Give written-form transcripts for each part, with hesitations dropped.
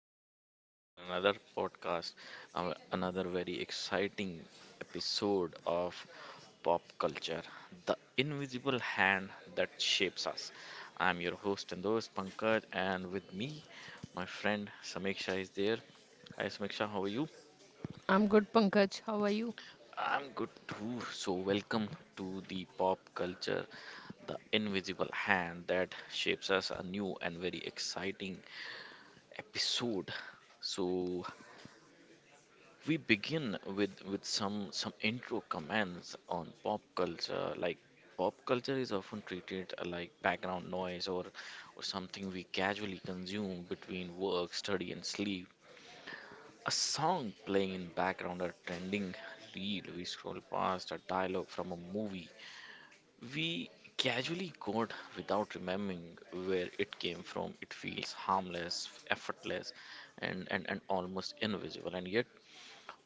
here for another podcast, another very exciting episode of pop culture, the invisible hand that shapes us. I'm your host and host, Pankaj, and with me, my friend Sameeksha is there. Hi, Sameeksha, how are you? I'm good, Pankaj. How are you? I'm good too. So, welcome to the pop culture the invisible hand that shapes us a new and very exciting episode. So we begin with some intro comments on pop culture. Like pop culture is often treated like background noise or something we casually consume between work, study, and sleep. A song playing in background, a trending reel we scroll past, a dialogue from a movie we casually code without remembering where it came from. It feels harmless, effortless, and almost invisible. And yet,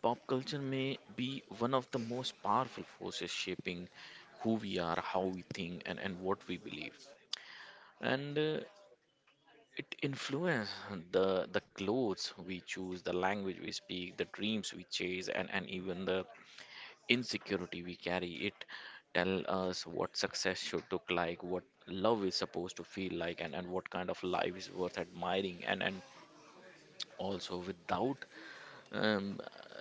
pop culture may be one of the most powerful forces shaping who we are, how we think, and what we believe. And it influences the clothes we choose, the language we speak, the dreams we chase, and even the insecurity we carry it tell us what success should look like what love is supposed to feel like and what kind of life is worth admiring and also without um,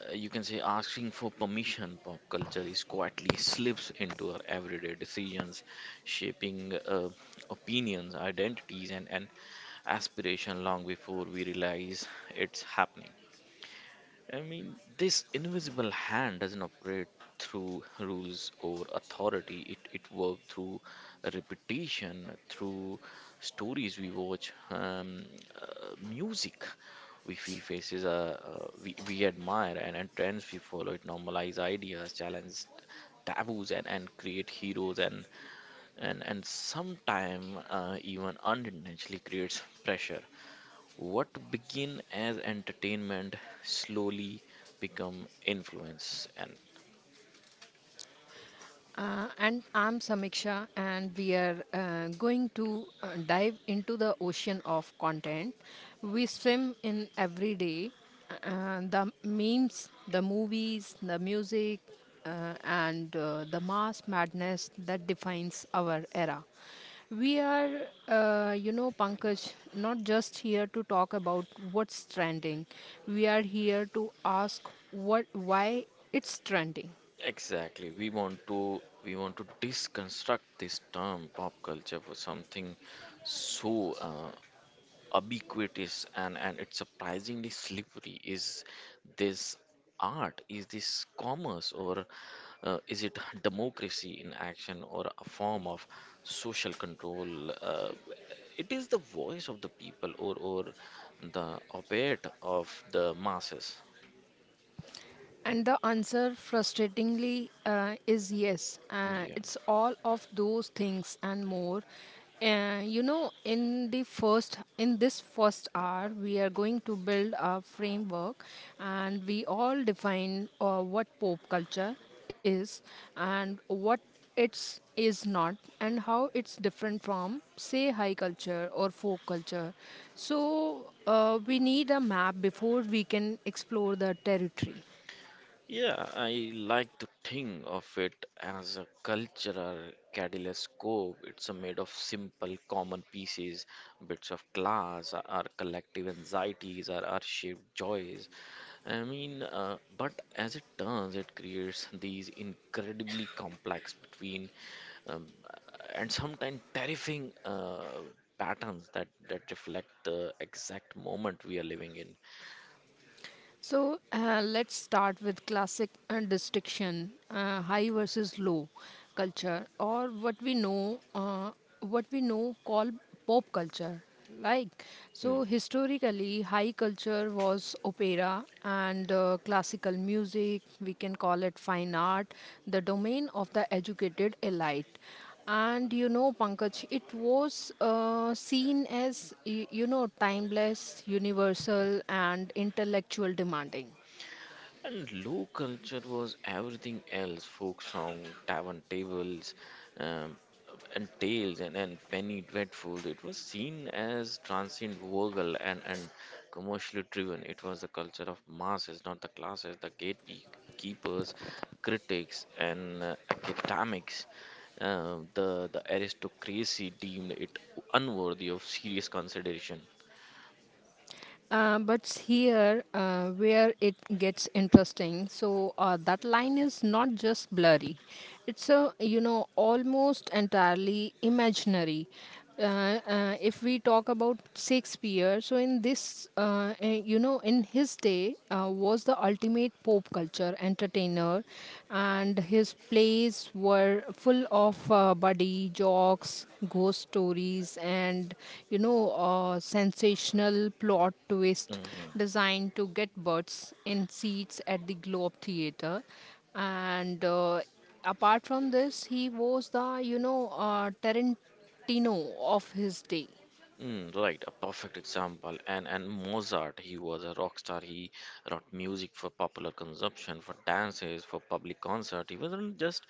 you can say asking for permission pop culture is quietly slips into our everyday decisions shaping opinions identities and aspiration long before we realize it's happening. I mean, this invisible hand doesn't operate through rules or authority. It works through repetition, through stories we watch, music we feel faces, we admire, and trends we follow. It normalize ideas, challenge taboos, and create heroes, and sometime even unintentionally creates pressure. What begin as entertainment slowly become influence and And I'm Samiksha, and we are going to dive into the ocean of content we swim in every day. The memes, the movies, the music, and the mass madness that defines our era. We are, Pankaj, not just here to talk about what's trending. We are here to ask what, why it's trending. exactly we want to deconstruct this term pop culture for something so ubiquitous and it's surprisingly slippery. Is this art? Is this commerce? Or is it democracy in action or a form of social control? It is the voice of the people or the obeit of the masses. And the answer, frustratingly, is yes. Yeah. It's all of those things and more. In this first hour, we are going to build a framework, and we all define what pop culture is and what it's is not, and how it's different from, say, high culture or folk culture. So we need a map before we can explore the territory. Yeah, I like to think of it as a cultural kaleidoscope. It's a made of simple, common pieces, bits of glass, our collective anxieties, our shared joys. I mean, but as it turns, it creates these incredibly complex between um, and sometimes terrifying patterns that reflect the exact moment we are living in. So let's start with classic distinction, high versus low culture, or what we know call pop culture. Like Hmm. Historically, high culture was opera and classical music. We can call it fine art, the domain of the educated elite. And you know, Pankaj, it was seen as, timeless, universal, and intellectual demanding. And low culture was everything else folk song, tavern tables, um, and tales, and penny dreadfuls. It was seen as transient, vulgar, and commercially driven. It was the culture of masses, not the classes, the gatekeepers, critics, and academics. The aristocracy deemed it unworthy of serious consideration. But here, where it gets interesting, so that line is not just blurry, it's almost entirely imaginary. If we talk about Shakespeare, so in this, you know, in his day, was the ultimate pop culture entertainer, and his plays were full of buddy jokes, ghost stories, and sensational plot twist Mhm. designed to get butts in seats at the Globe Theatre. And apart from this, he was the Tarantino of his day. Mm, right, a perfect example. And Mozart, he was a rock star. He wrote music for popular consumption, for dances, for public concert. He wasn't just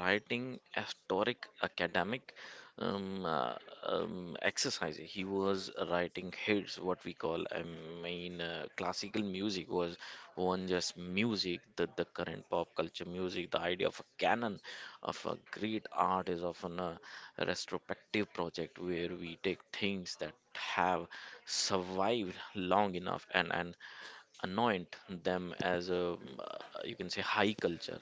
writing historic academic um, uh, exercise. He was writing hits, we call I mean classical music was one just music the current pop culture music the idea of a canon of a great art is often a retrospective project where we take things that have survived long enough and anoint them as a uh, you can say high culture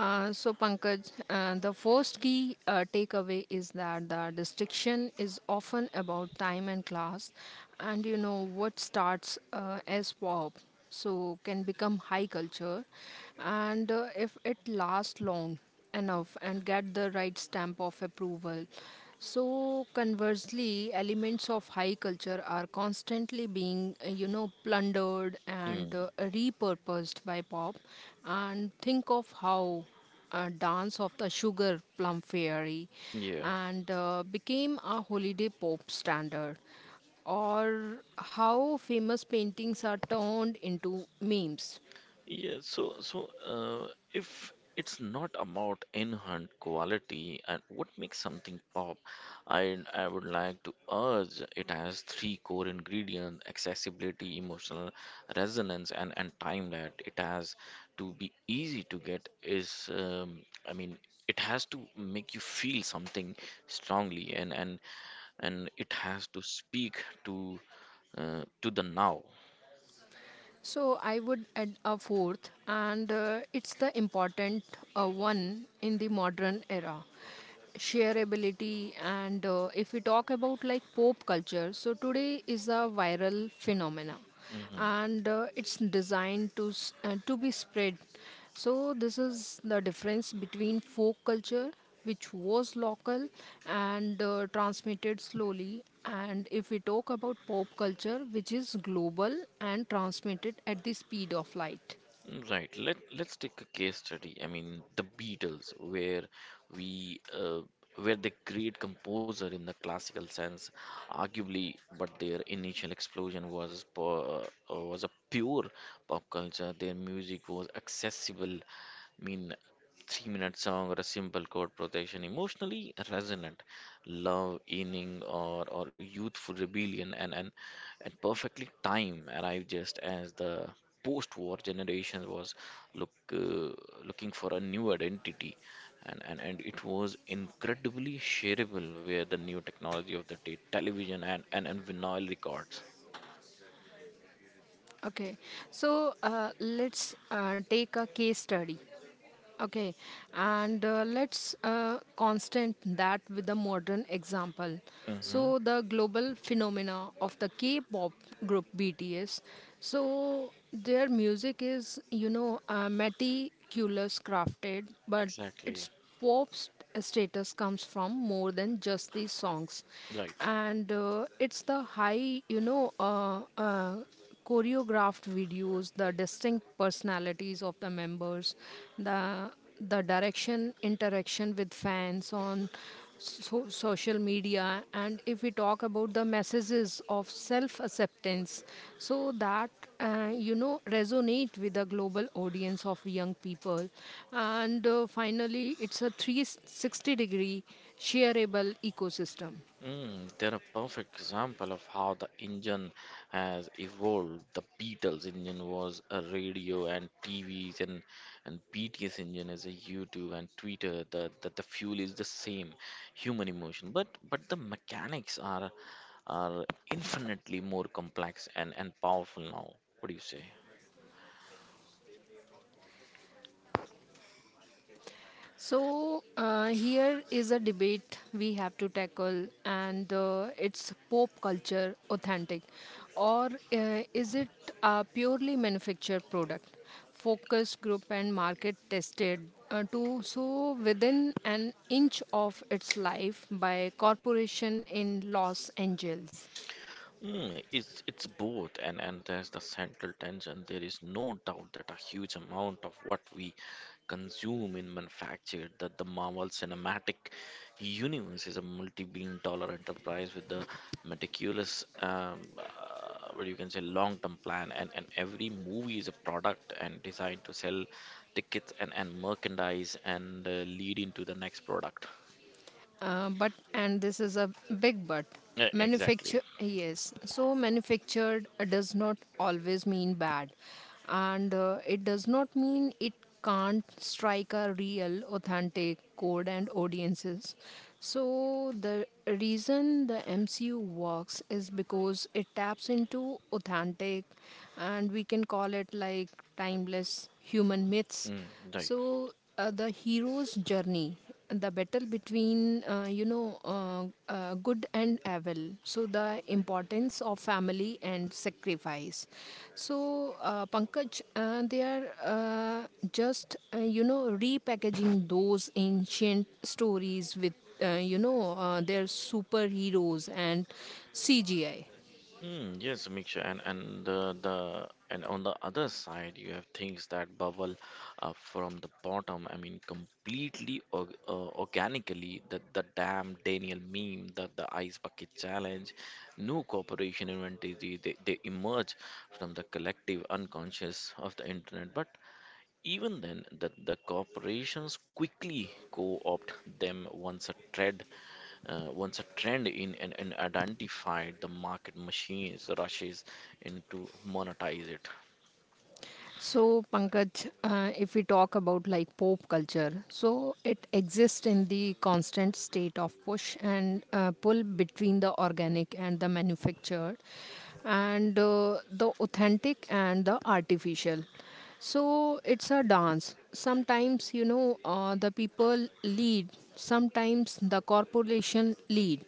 So, Pankaj, the first key takeaway is that the distinction is often about time and class, and you know what starts as pop, so can become high culture, and if it lasts long enough and get the right stamp of approval. So, conversely, elements of high culture are constantly being, plundered mm, and repurposed by pop. And think of how Dance of the Sugar Plum Fairy yeah. and became a holiday pop standard, or how famous paintings are turned into memes. Yeah, so if it's not about inherent quality and what makes something pop, I would like to urge it has three core ingredients: accessibility, emotional resonance, and time that it has to be easy to get is I mean it has to make you feel something strongly and it has to speak to to the now. So I would add a fourth, and it's the important one in the modern era, shareability. And if we talk about like pop culture, so today is a viral phenomena, Mm-hmm. and it's designed to to be spread. So this is the difference between folk culture, which was local and transmitted slowly. And if we talk about pop culture, which is global and transmitted at the speed of light. Right. Let's take a case study. I mean, the Beatles, where we were the great composer in the classical sense, arguably, but their initial explosion was was a pure pop culture. Their music was accessible. I mean, three-minute song or a simple chord progression, emotionally resonant, love, inning or youthful rebellion, and perfectly time arrived just as the post-war generation was look uh, looking for a new identity, and it was incredibly shareable where the new technology of the television and vinyl records. Okay, so let's take a case study. Okay, and let's constant that with a modern example. Hmm. So the global phenomena of the K-pop group BTS. So their music is, meticulous crafted, but Exactly. its pop st- status comes from more than just these songs, Right. and it's the high, choreographed videos, the distinct personalities of the members, the direction interaction with fans on social media. And if we talk about the messages of self acceptance, so that resonate with the global audience of young people. And finally it's a 360-degree shareable ecosystem. Mm, they're a perfect example of how the engine has evolved. The Beatles engine was a radio and TVs and BTS engine is a YouTube and Twitter. The fuel is the same, human emotion. But the mechanics are infinitely more complex and powerful now. What do you say? So, here is a debate we have to tackle, and it's pop culture authentic, or is it a purely manufactured product, focus group and market tested to so within an inch of its life by corporation in Los Angeles? Mm, it's both, and there's the central tension. There is no doubt that a huge amount of what we consume in manufactured that the Marvel Cinematic Universe is a multi-billion-dollar enterprise with the meticulous, what you can say, long-term plan, and every movie is a product and designed to sell tickets and merchandise and lead into the next product. But and this is a big but, Yeah, exactly. manufacture, yes, so manufactured does not always mean bad, and it does not mean it can't strike a real authentic chord and audiences. So the reason the MCU works is because it taps into authentic, and we can call it like timeless human myths. Mm, right. So the hero's journey, the battle between good and evil, so the importance of family and sacrifice. So pankaj, they are just repackaging those ancient stories with their superheroes and CGI. Mm, yes, Miksha, and on the other side, you have things that bubble up from the bottom. I mean, completely organically. The damn Daniel meme, the ice bucket challenge, new corporation inventory. They emerge from the collective unconscious of the internet. But even then, the corporations quickly co-opt them once a trend once a trend in and identified, the market machines rushes in to monetize it. So, Pankaj, if we talk about like pop culture, so it exists in the constant state of push and pull between the organic and the manufactured, and the authentic and the artificial. So it's a dance. Sometimes, the people lead, sometimes the corporation lead.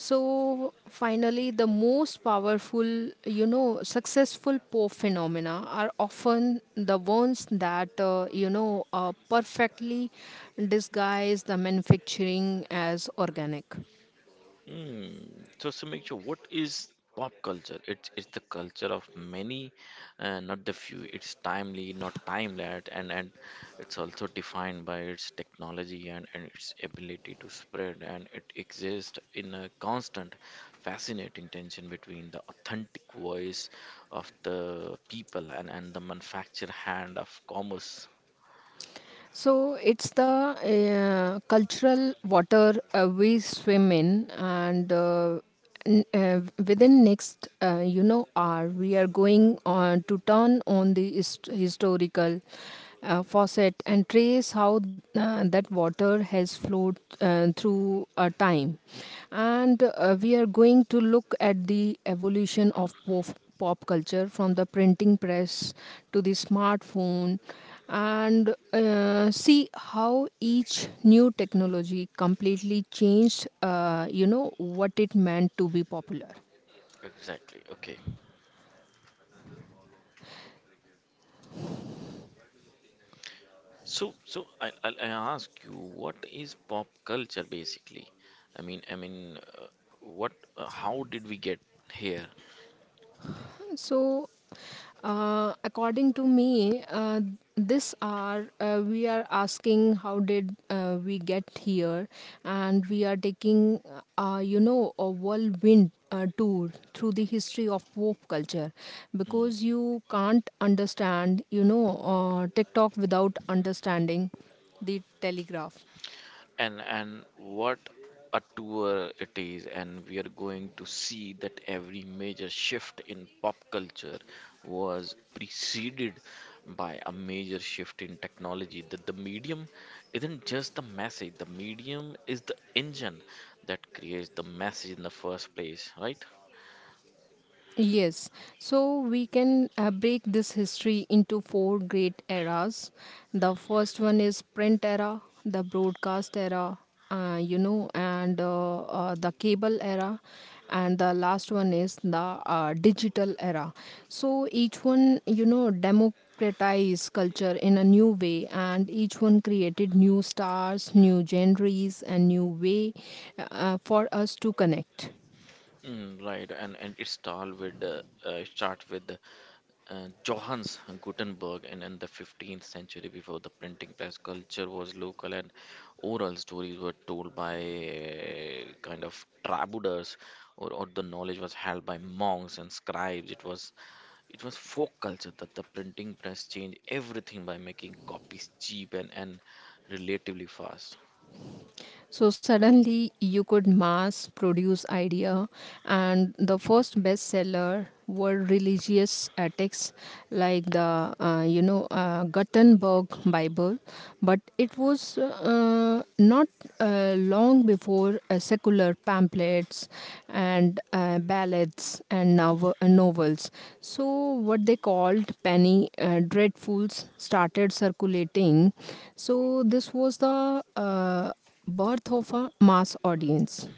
So finally, the most powerful, successful po phenomena are often the ones that, perfectly disguise the manufacturing as organic. Hmm. So, Samikcha, what is pop culture? It's the culture of many, not the few. It's timely, not timeless, and it's also defined by its technology and its ability to spread. And it exists in a constant, fascinating tension between the authentic voice of the people and the manufactured hand of commerce. So it's the cultural water we swim in, and n- uh, within next, hour we are going on to turn on the historical faucet and trace how that water has flowed through time, and we are going to look at the evolution of pop culture from the printing press to the smartphone, and see how each new technology completely changed what it meant to be popular. Exactly. Okay. So, so I ask you, what is pop culture basically? I mean, what? How did we get here? So, according to me, this hour we are asking how did we get here, and we are taking, a whirlwind tour through the history of pop culture, Mhm. because you can't understand, TikTok without understanding the Telegraph. And what a tour it is, and we are going to see that every major shift in pop culture was preceded by a major shift in technology. That the medium isn't just the message; the medium is the engine that creates the message in the first place, right? Yes, so we can break this history into four great eras. The first one is print era, the broadcast era, you know, and the cable era, and the last one is the digital era. So each one, democratized culture in a new way, and each one created new stars, new genres, and new way for us to connect. Mm, right, and it start with Johannes Gutenberg, and in the 15th century, before the printing press, culture was local, and oral stories were told by kind of troubadours, or the knowledge was held by monks and scribes. It was folk culture that the printing press changed everything by making copies cheap and relatively fast. So suddenly you could mass produce idea, and the first bestseller were religious texts like the Gutenberg Bible. But it was not long before secular pamphlets and ballads and novels, so what they called penny dreadfuls started circulating. So this was the birth of a mass audience.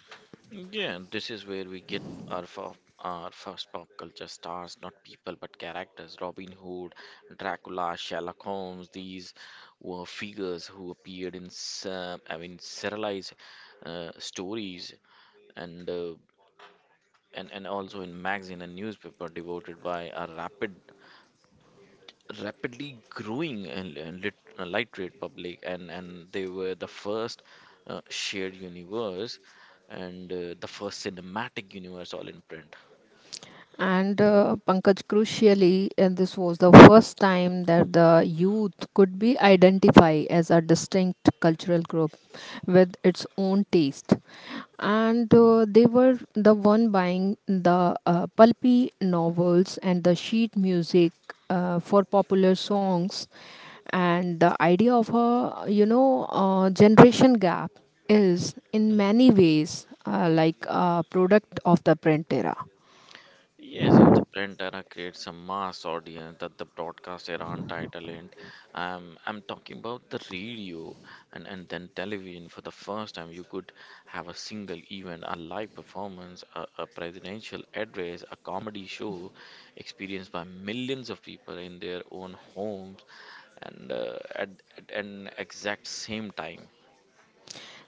Yeah, this is where we get our, our first pop culture stars, not people but characters. Robin Hood, Dracula, Sherlock Holmes, these were figures who appeared in, I mean, serialized stories and, uh, and also in magazine and newspaper devoted by a rapidly growing and light rate public and they were the first shared universe and the first cinematic universe all in print. And Pankaj, crucially, and this was the first time that the youth could be identified as a distinct cultural group with its own taste. And they were the one buying the pulpy novels and the sheet music for popular songs. And the idea of a, generation gap is in Mm. many ways like a product of the print era. Yes, if the print era creates a mass audience that the broadcast era untitled, and I'm talking about the radio and then television for the first time, you could have a single event, a live performance, a presidential address, a comedy show experienced by millions of people in their own homes and uh, at, at an exact same time.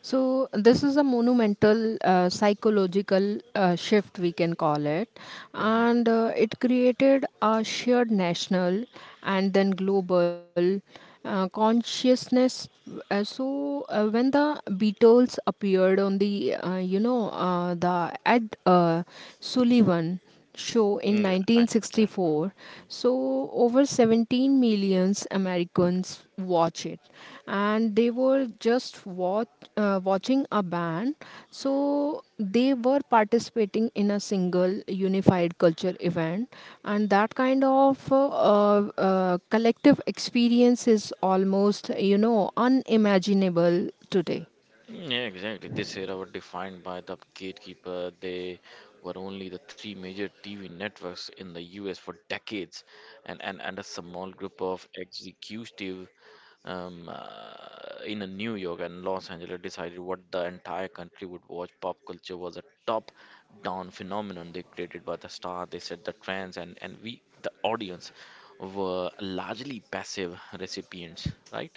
So this is a monumental psychological shift we can call it, Hmm. and it created a shared national and then global consciousness. So when the Beatles appeared on the the Ed Sullivan show in Yeah, I, yeah. 1964, Mm. so over 17 millions americans watch it, and they were just watching a band, so they were participating in a single unified culture event, and that kind of collective experience is almost unimaginable today. Yeah, exactly. This era were defined by the gatekeeper. They were only the three major TV networks in the US for decades, and a small group of executive in a New York and Los Angeles decided what the entire country would watch. Pop culture was a top-down phenomenon. They created by the star. They set the trends, and we, the audience, were largely passive recipients, right?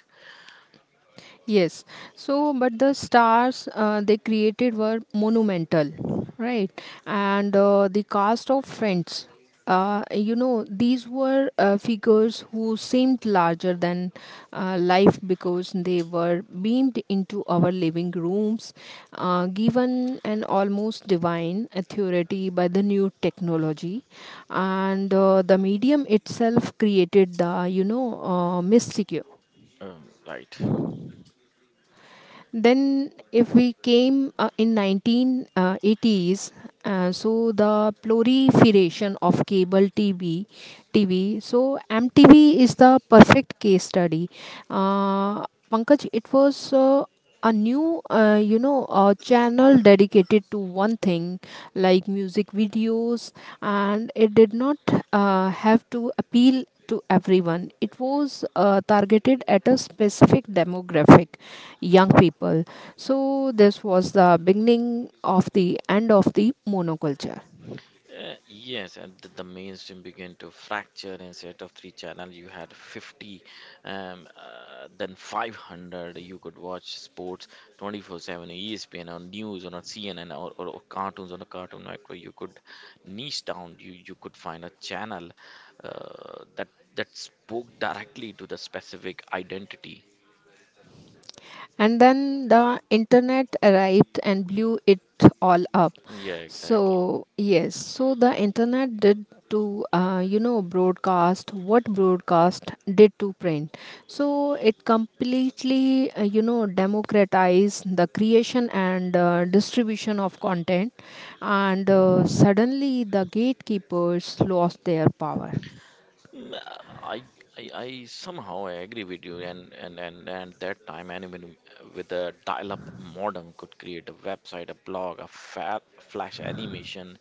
Yes. So, but the stars they created were monumental, right? And the cast of friends, these were figures who seemed larger than life because they were beamed into our living rooms, given an almost divine authority by the new technology. And the medium itself created the, mystique. Right. Then, if we came in 1980s, so the proliferation of TV. So MTV is the perfect case study. Pankaj, it was a new, you know, a channel dedicated to one thing, like music videos, and it did not have to appeal to everyone. It was targeted at a specific demographic, young people. So this was the beginning of the end of the monoculture. Yes, and the mainstream began to fracture. Instead of three channel, you had 50, then 500. You could watch sports 24/7, ESPN or news or on a CNN or cartoons on a Cartoon Network. You could niche down. You could find a channel that spoke directly to the specific identity. And then the internet arrived and blew it all up. Yeah, So exactly. yes, so the internet did to broadcast what broadcast did to print, so it completely democratized the creation and distribution of content, and suddenly the gatekeepers lost their power. Mm, I, I somehow I agree with you and that time anyone with a dial-up modem could create a website, a blog, a fa flash animation,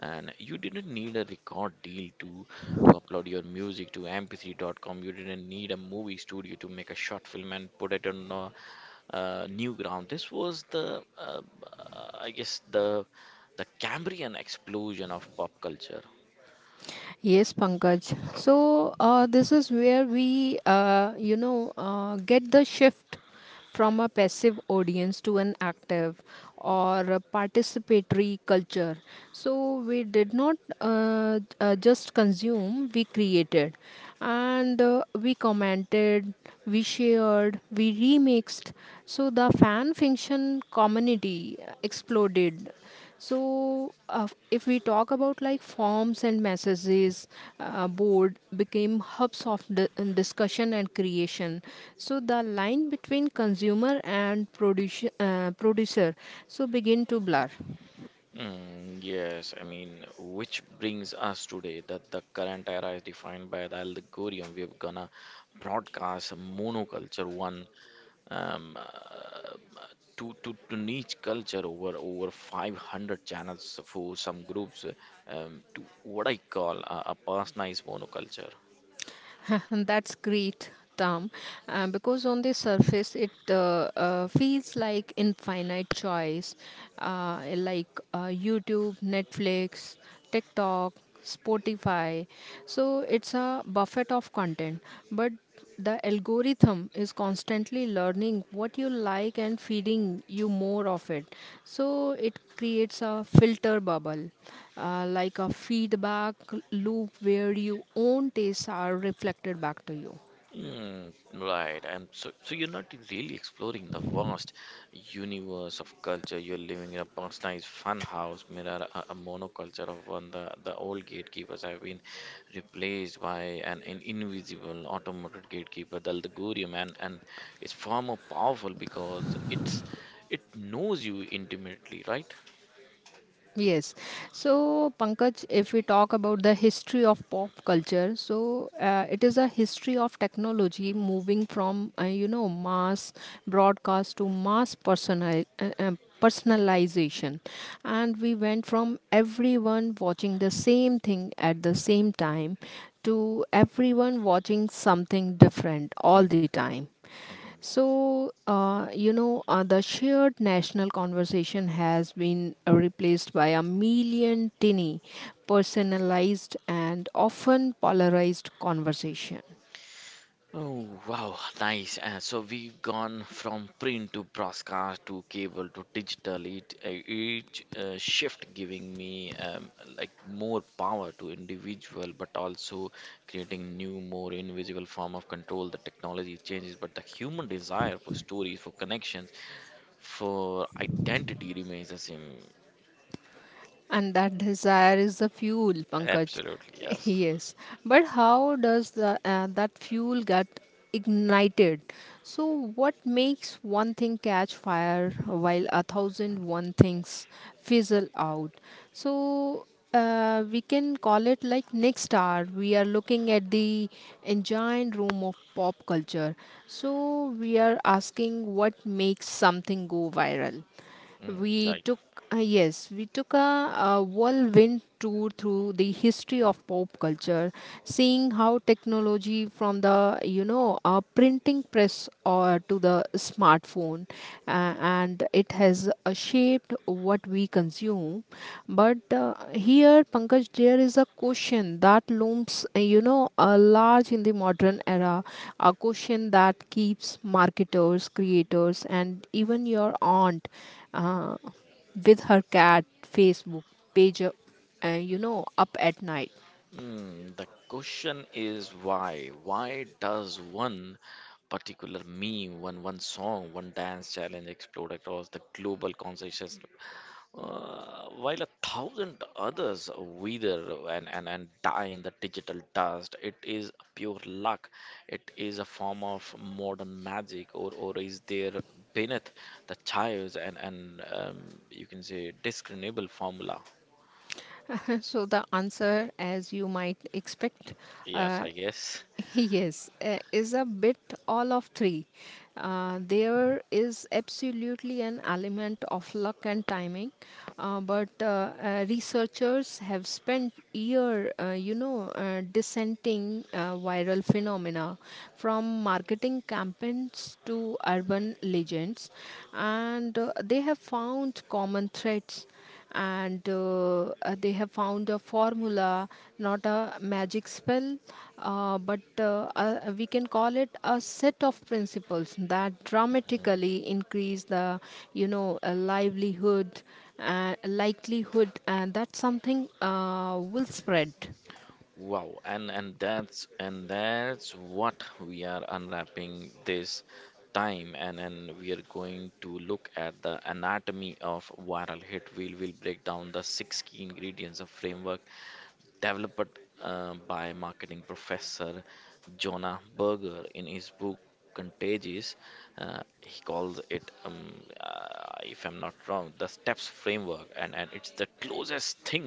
and you didn't need a record deal to upload your music to mp3.com. You didn't need a movie studio to make a short film and put it on a, new ground. This was the I guess the Cambrian explosion of pop culture. Yes, Pankaj. So this is where we, get the shift from a passive audience to an active or a participatory culture. So we did not just consume; we created, and we commented, we shared, we remixed. So the fan fiction community exploded. So if we talk about like forms and messages, board became hubs of discussion and creation, so the line between consumer and producer, producer so begin to blur. Mm, yes, I mean, which brings us today that the current era is defined by the algorithm. We're gonna broadcast monoculture one um, uh, to niche culture over 500 channels for some groups to what I call a personalized monoculture. That's great, Tom. Because on the surface, it feels like infinite choice, like YouTube, Netflix, TikTok, Spotify. So it's a buffet of content, but the algorithm is constantly learning what you like and feeding you more of it, so it creates a filter bubble, like a feedback loop where your own tastes are reflected back to you. Mm, right, and so you're not really exploring the vast universe of culture. You're living in a personalized fun house, mirror a monoculture of one. The old gatekeepers have been replaced by an invisible automated gatekeeper, the algorithm, and it's far more powerful because it knows you intimately, right? Yes. So, Pankaj, if we talk about the history of pop culture, it is a history of technology moving from, mass broadcast to mass personal, personalization. And we went from everyone watching the same thing at the same time to everyone watching something different all the time. Mm-hmm. The shared national conversation has been replaced by a million tinny, personalized, and often polarized conversation. Oh, wow, nice. So we've gone from print to broadcast to cable to digital. Each shift giving me like more power to individual, but also creating new, more invisible form of control. The technology changes, but the human desire for stories, for connections, for identity remains the same. And that desire is the fuel, Pankaj. Absolutely, yes. Yes. But how does that fuel get ignited? So, what makes one thing catch fire while a thousand one things fizzle out? So, we can call it like next hour. We are looking at the engine room of pop culture. So, we are asking what makes something go viral. Mm, we right. took, uh, yes, we took a whirlwind tour through the history of pop culture, seeing how technology from the printing press or to the smartphone, and it has shaped what we consume. But here, Pankaj, there is a question that looms, large in the modern era, a question that keeps marketers, creators, and even your aunt uh, with her cat Facebook page, up at night. Hmm, the question is why? Why does one particular meme, one song, one dance challenge explode across the global consciousness, while a thousand others wither and die in the digital dust? It is pure luck. It is a form of modern magic, or is there beneath the chaos and you can say discernible formula? So the answer, as you might expect, Yes, uh, I guess. yes, is a bit all of three. There is absolutely an element of luck and timing, but researchers have spent year, dissenting viral phenomena from marketing campaigns to urban legends, and they have found common threads, and they have found a formula, not a magic spell, but we can call it a set of principles that dramatically increase the, livelihood, likelihood, and that something will spread. Wow, and that's what we are unwrapping this time and we are going to look at the anatomy of viral hit. We'll will break down the six key ingredients of framework developed by marketing professor Jonah Berger in his book Contagious. He calls it, if I'm not wrong, the STEPS framework, and it's the closest thing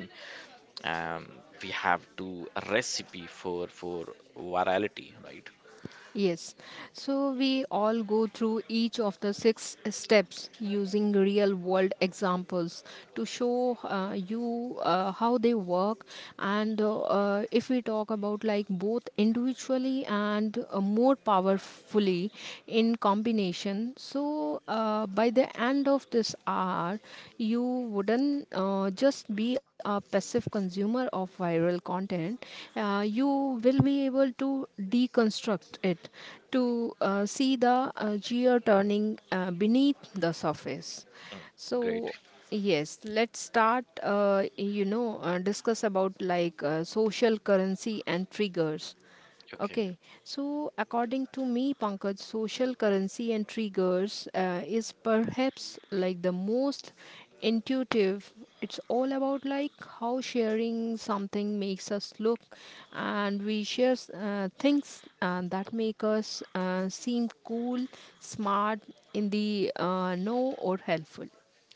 um, we have to recipe for virality, right? Yes, so we all go through each of the six steps using real world examples to show you how they work. And if we talk about like both individually and more powerfully in combination, so by the end of this hour, you wouldn't just be a passive consumer of viral content, you will be able to deconstruct it to see the gear turning beneath the surface. Mm, great. So, yes, let's start. Discuss about like social currency and triggers. Okay. Okay, so according to me, Pankaj, social currency and triggers is perhaps like the most intuitive. It's all about like how sharing something makes us look, and we share things that make us seem cool, smart, in the know, or helpful.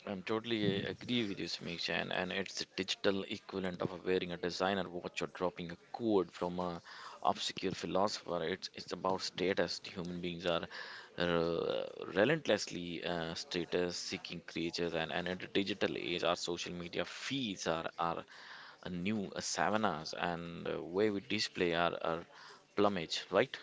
I'm totally agree with you, Samiksha, and it's the digital equivalent of wearing a designer watch or dropping a quote from a obscure philosopher. It's about status. Human beings are uh, relentlessly status-seeking creatures, and in the digital age, our social media feeds are a new savannas, and where we display our plumage, right?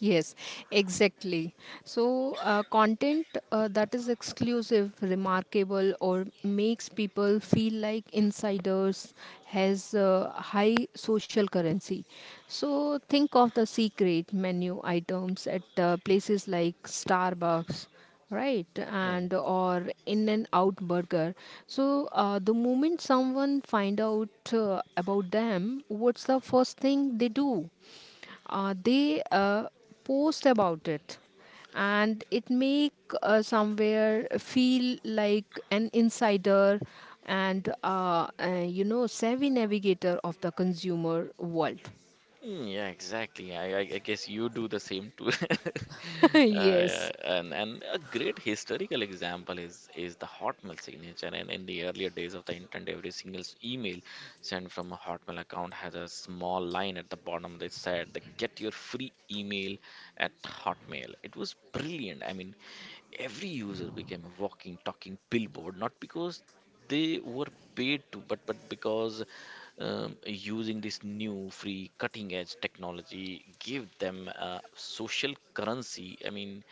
Yes, exactly. So, content that is exclusive, remarkable, or makes people feel like insiders has high social currency. So, think of the secret menu items at places like Starbucks, right, Mm. and or in and out burger. So the moment someone find out about them, what's the first thing they do? They post about it and it make somewhere feel like an insider and savvy navigator of the consumer world. Mm, yeah, exactly. I guess you do the same too. Yes. Yeah, and a great historical example is the Hotmail signature. And in the earlier days of the internet, every single email sent from a Hotmail account has a small line at the bottom that said, "Get your free email at Hotmail." It was brilliant. I mean, every user became a walking, talking billboard, not because they were paid to but because using this new free cutting edge technology gave them a social currency. I mean,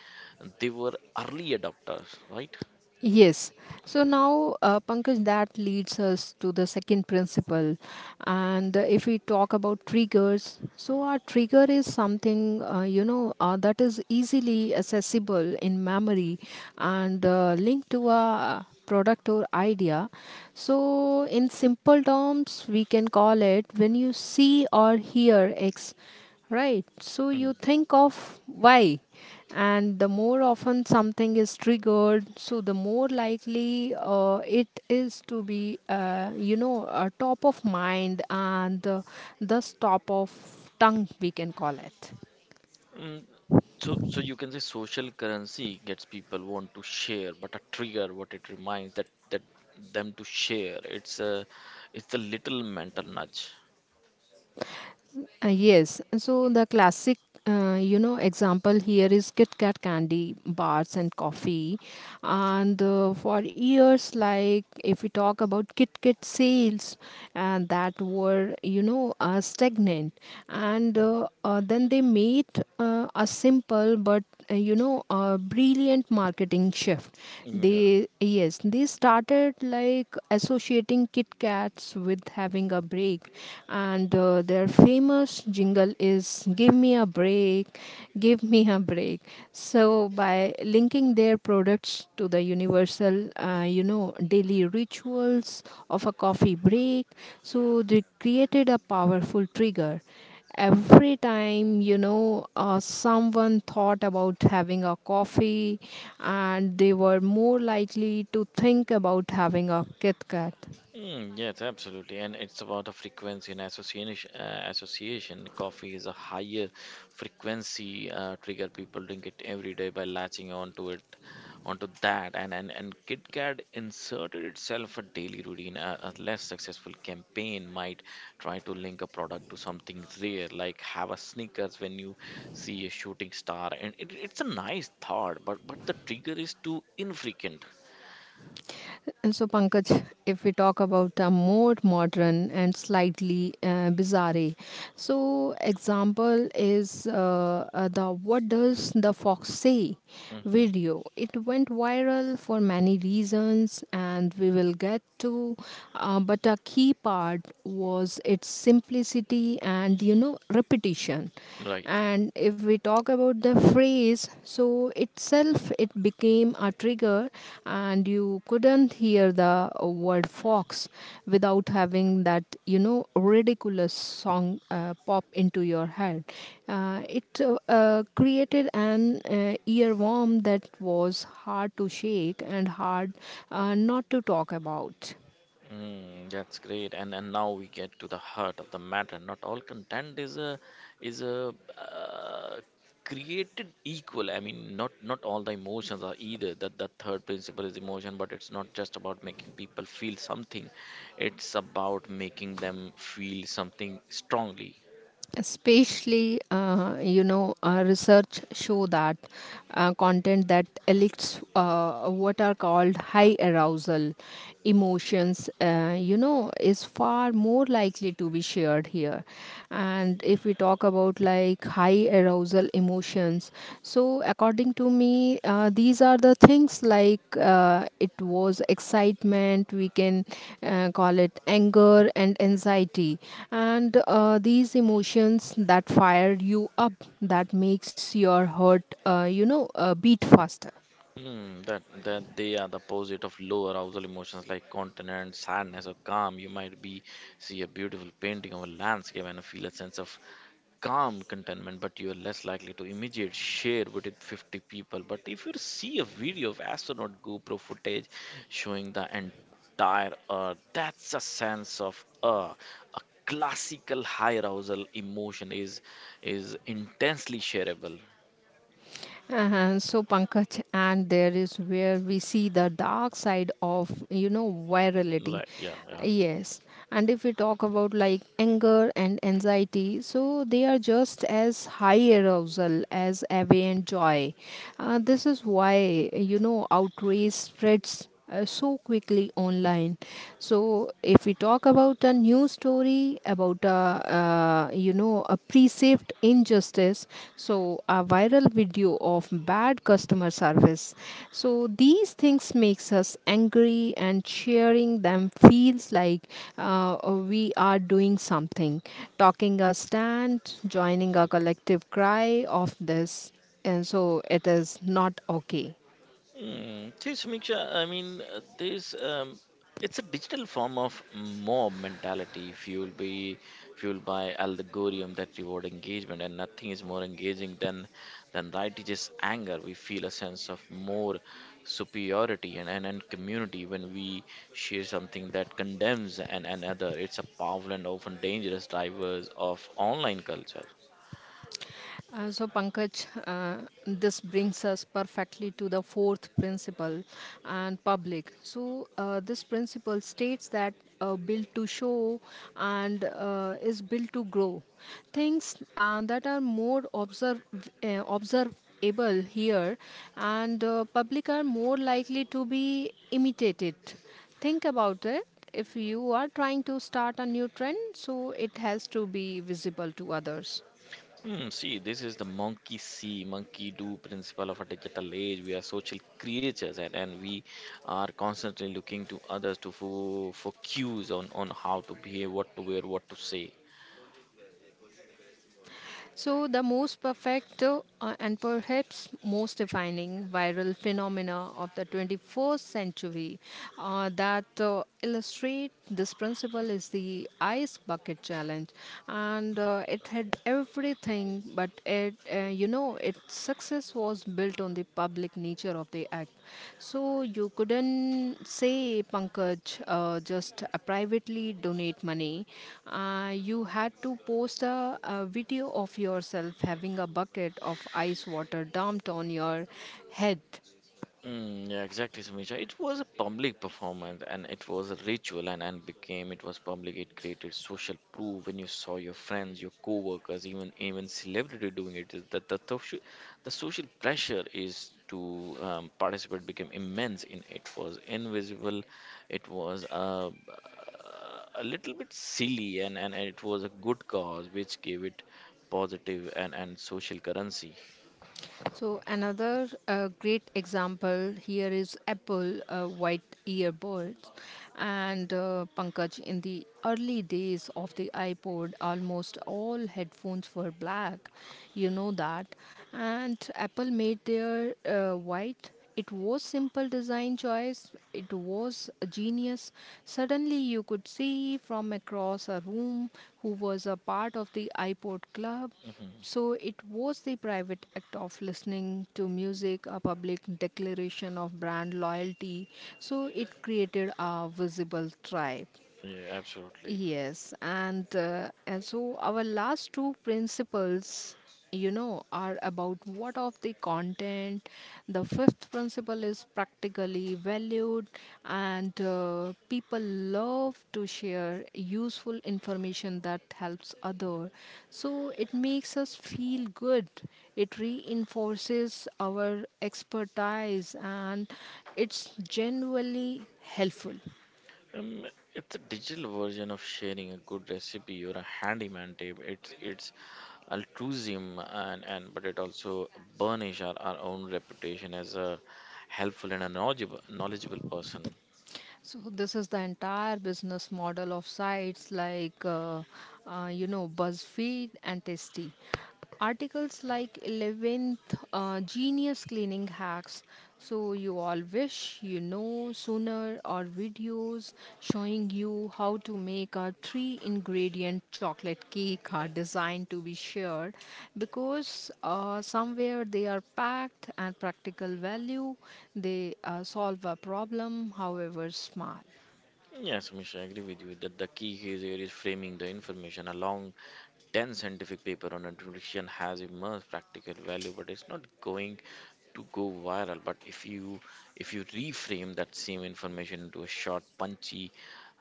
they were early adopters, right? Yes. So now, Pankaj, that leads us to the second principle. And if we talk about triggers, so our trigger is something, that is easily accessible in memory and linked to a product or idea. So, in simple terms, we can call it when you see or hear X, right? So, you Mm. think of Y, and the more often something is triggered, the more likely it is to be, top of mind, and thus top of tongue, we can call it. Mm, so you can say social currency gets people want to share, but a trigger what it reminds that them to share, it's a little mental nudge. Yes, so the classic, example here is Kit Kat candy bars and coffee, and for years, like if we talk about Kit Kat sales, and that were, stagnant, and then they made a simple but, a brilliant marketing shift. Yeah. They, yes, they started like associating Kit Kats with having a break, and their famous jingle is, "Give me a break, give me a break." So by linking their products to the universal, daily rituals of a coffee break, so they created a powerful trigger. Every time, someone thought about having a coffee, and they were more likely to think about having a Kit Kat. Mm, yes, absolutely. And it's about the frequency and association. Association. Coffee is a higher frequency trigger. People drink it every day by latching onto it, onto that. And KitKat inserted itself a daily routine. A less successful campaign might try to link a product to something rare, like have a Snickers when you see a shooting star. And it's a nice thought, but the trigger is too infrequent. So, Pankaj, if we talk about a more modern and slightly bizarre, so example is the "What Does the Fox Say" Hmm. video. It went viral for many reasons, and we will get to. But a key part was its simplicity and, you know, repetition. Right. And if we talk about the phrase, so itself it became a trigger, and you couldn't hear the word fox without having that, you know, ridiculous song pop into your head. It created an earworm that was hard to shake and hard not to talk about. Mm, that's great, and now we get to the heart of the matter. Not all content is a created equal. I mean, not all the emotions are either. That the third principle is emotion, but it's not just about making people feel something. It's about making them feel something strongly. Especially, research show that content that elicits what are called high arousal emotions, is far more likely to be shared here. And if we talk about like high arousal emotions, so according to me, these are the things like, it was excitement, we can call it anger and anxiety. And these emotions that fire you up, that makes your heart, beat faster. Mm, that they are the opposite of low arousal emotions like contentment, sadness, or calm. You might be see a beautiful painting of a landscape and feel a sense of calm contentment, but you are less likely to immediate share with it 50 people. But if you see a video of astronaut GoPro footage showing the entire Earth, that's a sense of awe. A classical high arousal emotion is intensely shareable. And so, Pankaj, and there is where we see the dark side of, you know, virality. Right? Yeah. Yeah. Yes. And if we talk about like anger and anxiety, so they are just as high arousal as envy and joy. This is why, you know, outrage spreads so quickly online. So if we talk about a news story about a, a perceived injustice, so a viral video of bad customer service, so these things makes us angry and sharing them feels like, uh, we are doing something, talking a stand, joining a collective cry of this, and so it is not okay. Hmm. See, Samiksha, I mean, this it's a digital form of mob mentality fueled by algorithm that reward engagement, and nothing is more engaging than righteous anger. We feel a sense of more superiority and community when we share something that condemns an another. It's a powerful and often dangerous drivers of online culture. So, Pankaj, this brings us perfectly to the fourth principle, and public. So, this principle states that, built to show and is built to grow. Things that are more observable here and public are more likely to be imitated. Think about it. If you are trying to start a new trend, so it has to be visible to others. Hmm, see, this is the monkey see, monkey do principle of a digital age. We are social creatures and we are constantly looking to others to for cues on how to behave, what to wear, what to say. So, the most perfect, and perhaps most defining viral phenomena of the 21st century that illustrate this principle is the ice bucket challenge, and it had everything, but it, you know, it success was built on the public nature of the act. So you couldn't say, Pankaj, just privately donate money. You had to post a video of yourself having a bucket of ice water dumped on your head. Mm, yeah, exactly, Samisha. It was a public performance and it was a ritual and became it was public. It created social proof when you saw your friends, your co-workers, even celebrity doing it. Is That the social pressure is to participate became immense in it was invisible. It was a little bit silly and it was a good cause which gave it positive and social currency. So another great example here is apple white earbuds, and Pankaj. In the early days of the iPod, almost all headphones were black. You know that, and Apple made their white, it was simple design choice. It was a genius. Suddenly you could see from across a room who was a part of the iPod club. Hmm. So it was the private act of listening to music, a public declaration of brand loyalty. So it created a visible tribe. Yeah, absolutely. Yes, and so our last two principles, you know, are about what of the content. The fifth principle is practically valued, and people love to share useful information that helps other. So it makes us feel good. It reinforces our expertise, and it's genuinely helpful. Um, it's a digital version of sharing a good recipe or a handyman tip. It's altruism and but it also burnish our own reputation as a helpful and a knowledgeable person. So this is the entire business model of sites like BuzzFeed and Tasty. Articles like 11th genius cleaning hacks, so you all wish, you know, sooner, or video videos showing you how to make a three ingredient chocolate cake are designed to be shared because somewhere they are packed and practical value. They solve a problem, however small. Yes, Misha, I agree with you that the key here is framing the information along 10 scientific paper on nutrition has immense practical value, but it's not going to go viral. But if you reframe that same information into a short punchy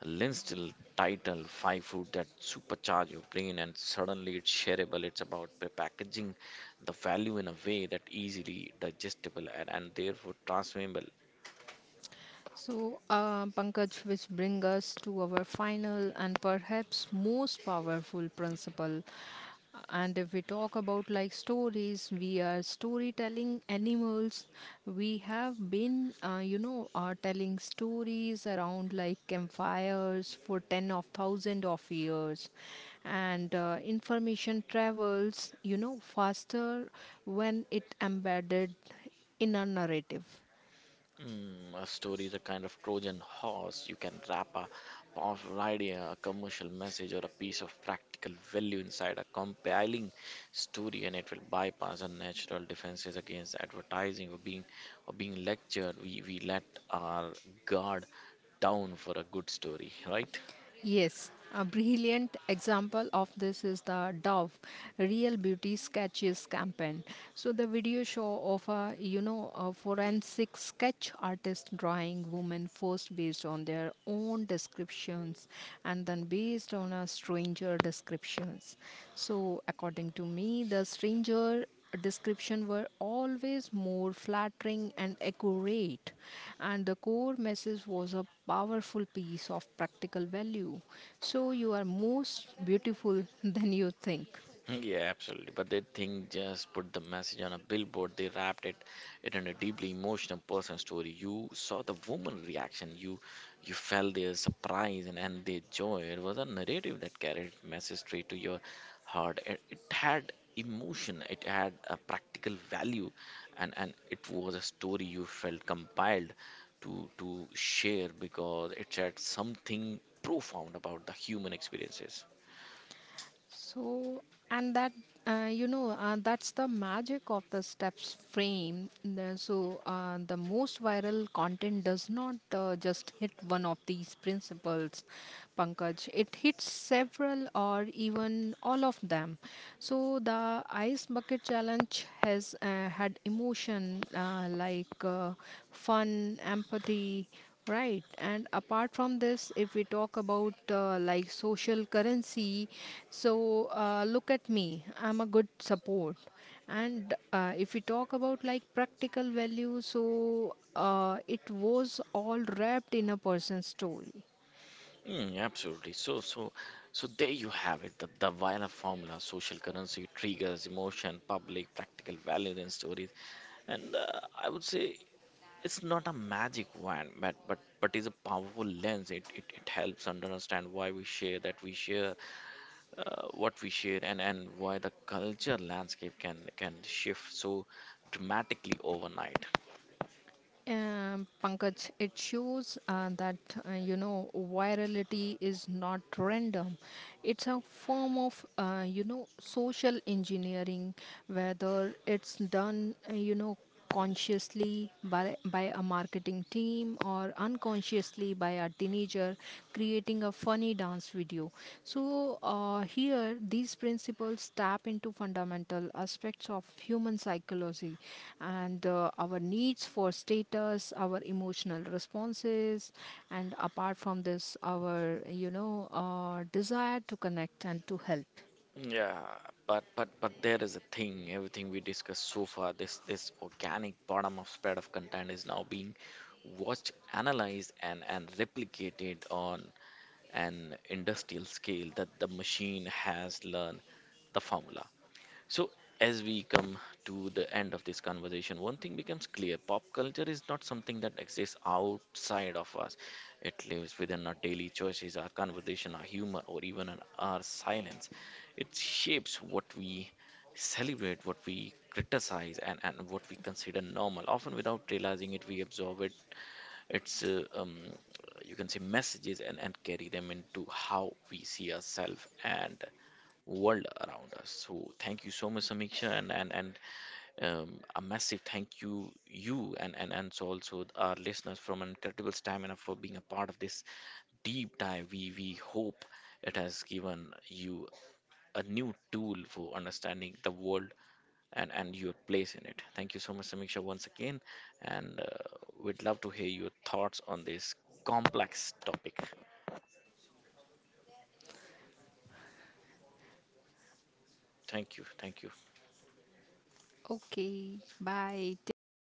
linstyle title five food that supercharge your brain and suddenly it's shareable. It's about packaging the value in a way that easily digestible and therefore transferable. So, Pankaj, which bring us to our final and perhaps most powerful principle. And if we talk about like stories, we are storytelling animals. We have been, are telling stories around like campfires for ten of thousand of years, and information travels, you know, faster when it embedded in a narrative. Mm, a story is a kind of Trojan horse. You can wrap a powerful idea, a commercial message, or a piece of practical value inside a compelling story, and it will bypass our natural defenses against advertising or being lectured. We let our guard down for a good story, right? Yes, a brilliant example of this is the Dove Real Beauty Sketches campaign. So the video show of a, you know, a forensic sketch artist drawing women first based on their own descriptions and then based on a stranger descriptions. So according to me, the stranger description were always more flattering and accurate, and the core message was a powerful piece of practical value. So, you are most beautiful than you think. Yeah, absolutely. But they think just put the message on a billboard, they wrapped it in a deeply emotional personal story. You saw the woman reaction, you felt their surprise and their joy. It was a narrative that carried message straight to your heart. It had emotion, it had a practical value, and it was a story you felt compiled to share because it said something profound about the human experiences. So, and that's the magic of the steps frame. So, the most viral content does not just hit one of these principles, Pankaj. It hits several or even all of them. So, the ice bucket challenge has had emotion, like fun, empathy. Right, and apart from this, if we talk about, like social currency, so look at me, I'm a good support. And if we talk about like practical value, so it was all wrapped in a person's story. Mm, absolutely. So, there you have it. The Davina formula: social currency triggers emotion, public, practical values and stories. And I would say it's not a magic wand, but is a powerful lens. It helps us understand why we share that we share, what we share, and why the culture landscape can shift so dramatically overnight. Pankaj, it shows that, virality is not random. It's a form of, social engineering, whether it's done, consciously by a marketing team or unconsciously by a teenager creating a funny dance video. So, here these principles tap into fundamental aspects of human psychology, and our needs for status, our emotional responses, and apart from this, our, desire to connect and to help. Yeah, but there is a thing. Everything we discussed so far, this organic bottom of spread of content is now being watched, analyzed, and replicated on an industrial scale. That the machine has learned the formula. So, as we come to the end of this conversation, one thing becomes clear pop culture is not something that exists outside of us. It lives within our daily choices, our conversation, our humor, or even our silence. It shapes what we celebrate, what we criticize, and what we consider normal. Often, without realizing it, we absorb it its you can say messages and carry them into how we see ourselves and world around us. So thank you so much, Samiksha, and a massive thank you, and so also our listeners from an incredible stamina for being a part of this deep dive. We hope it has given you a new tool for understanding the world, and your place in it. Thank you so much, Samiksha, once again. And we'd love to hear your thoughts on this complex topic. Thank you. Thank you. Okay, bye. Take care, Pankaj.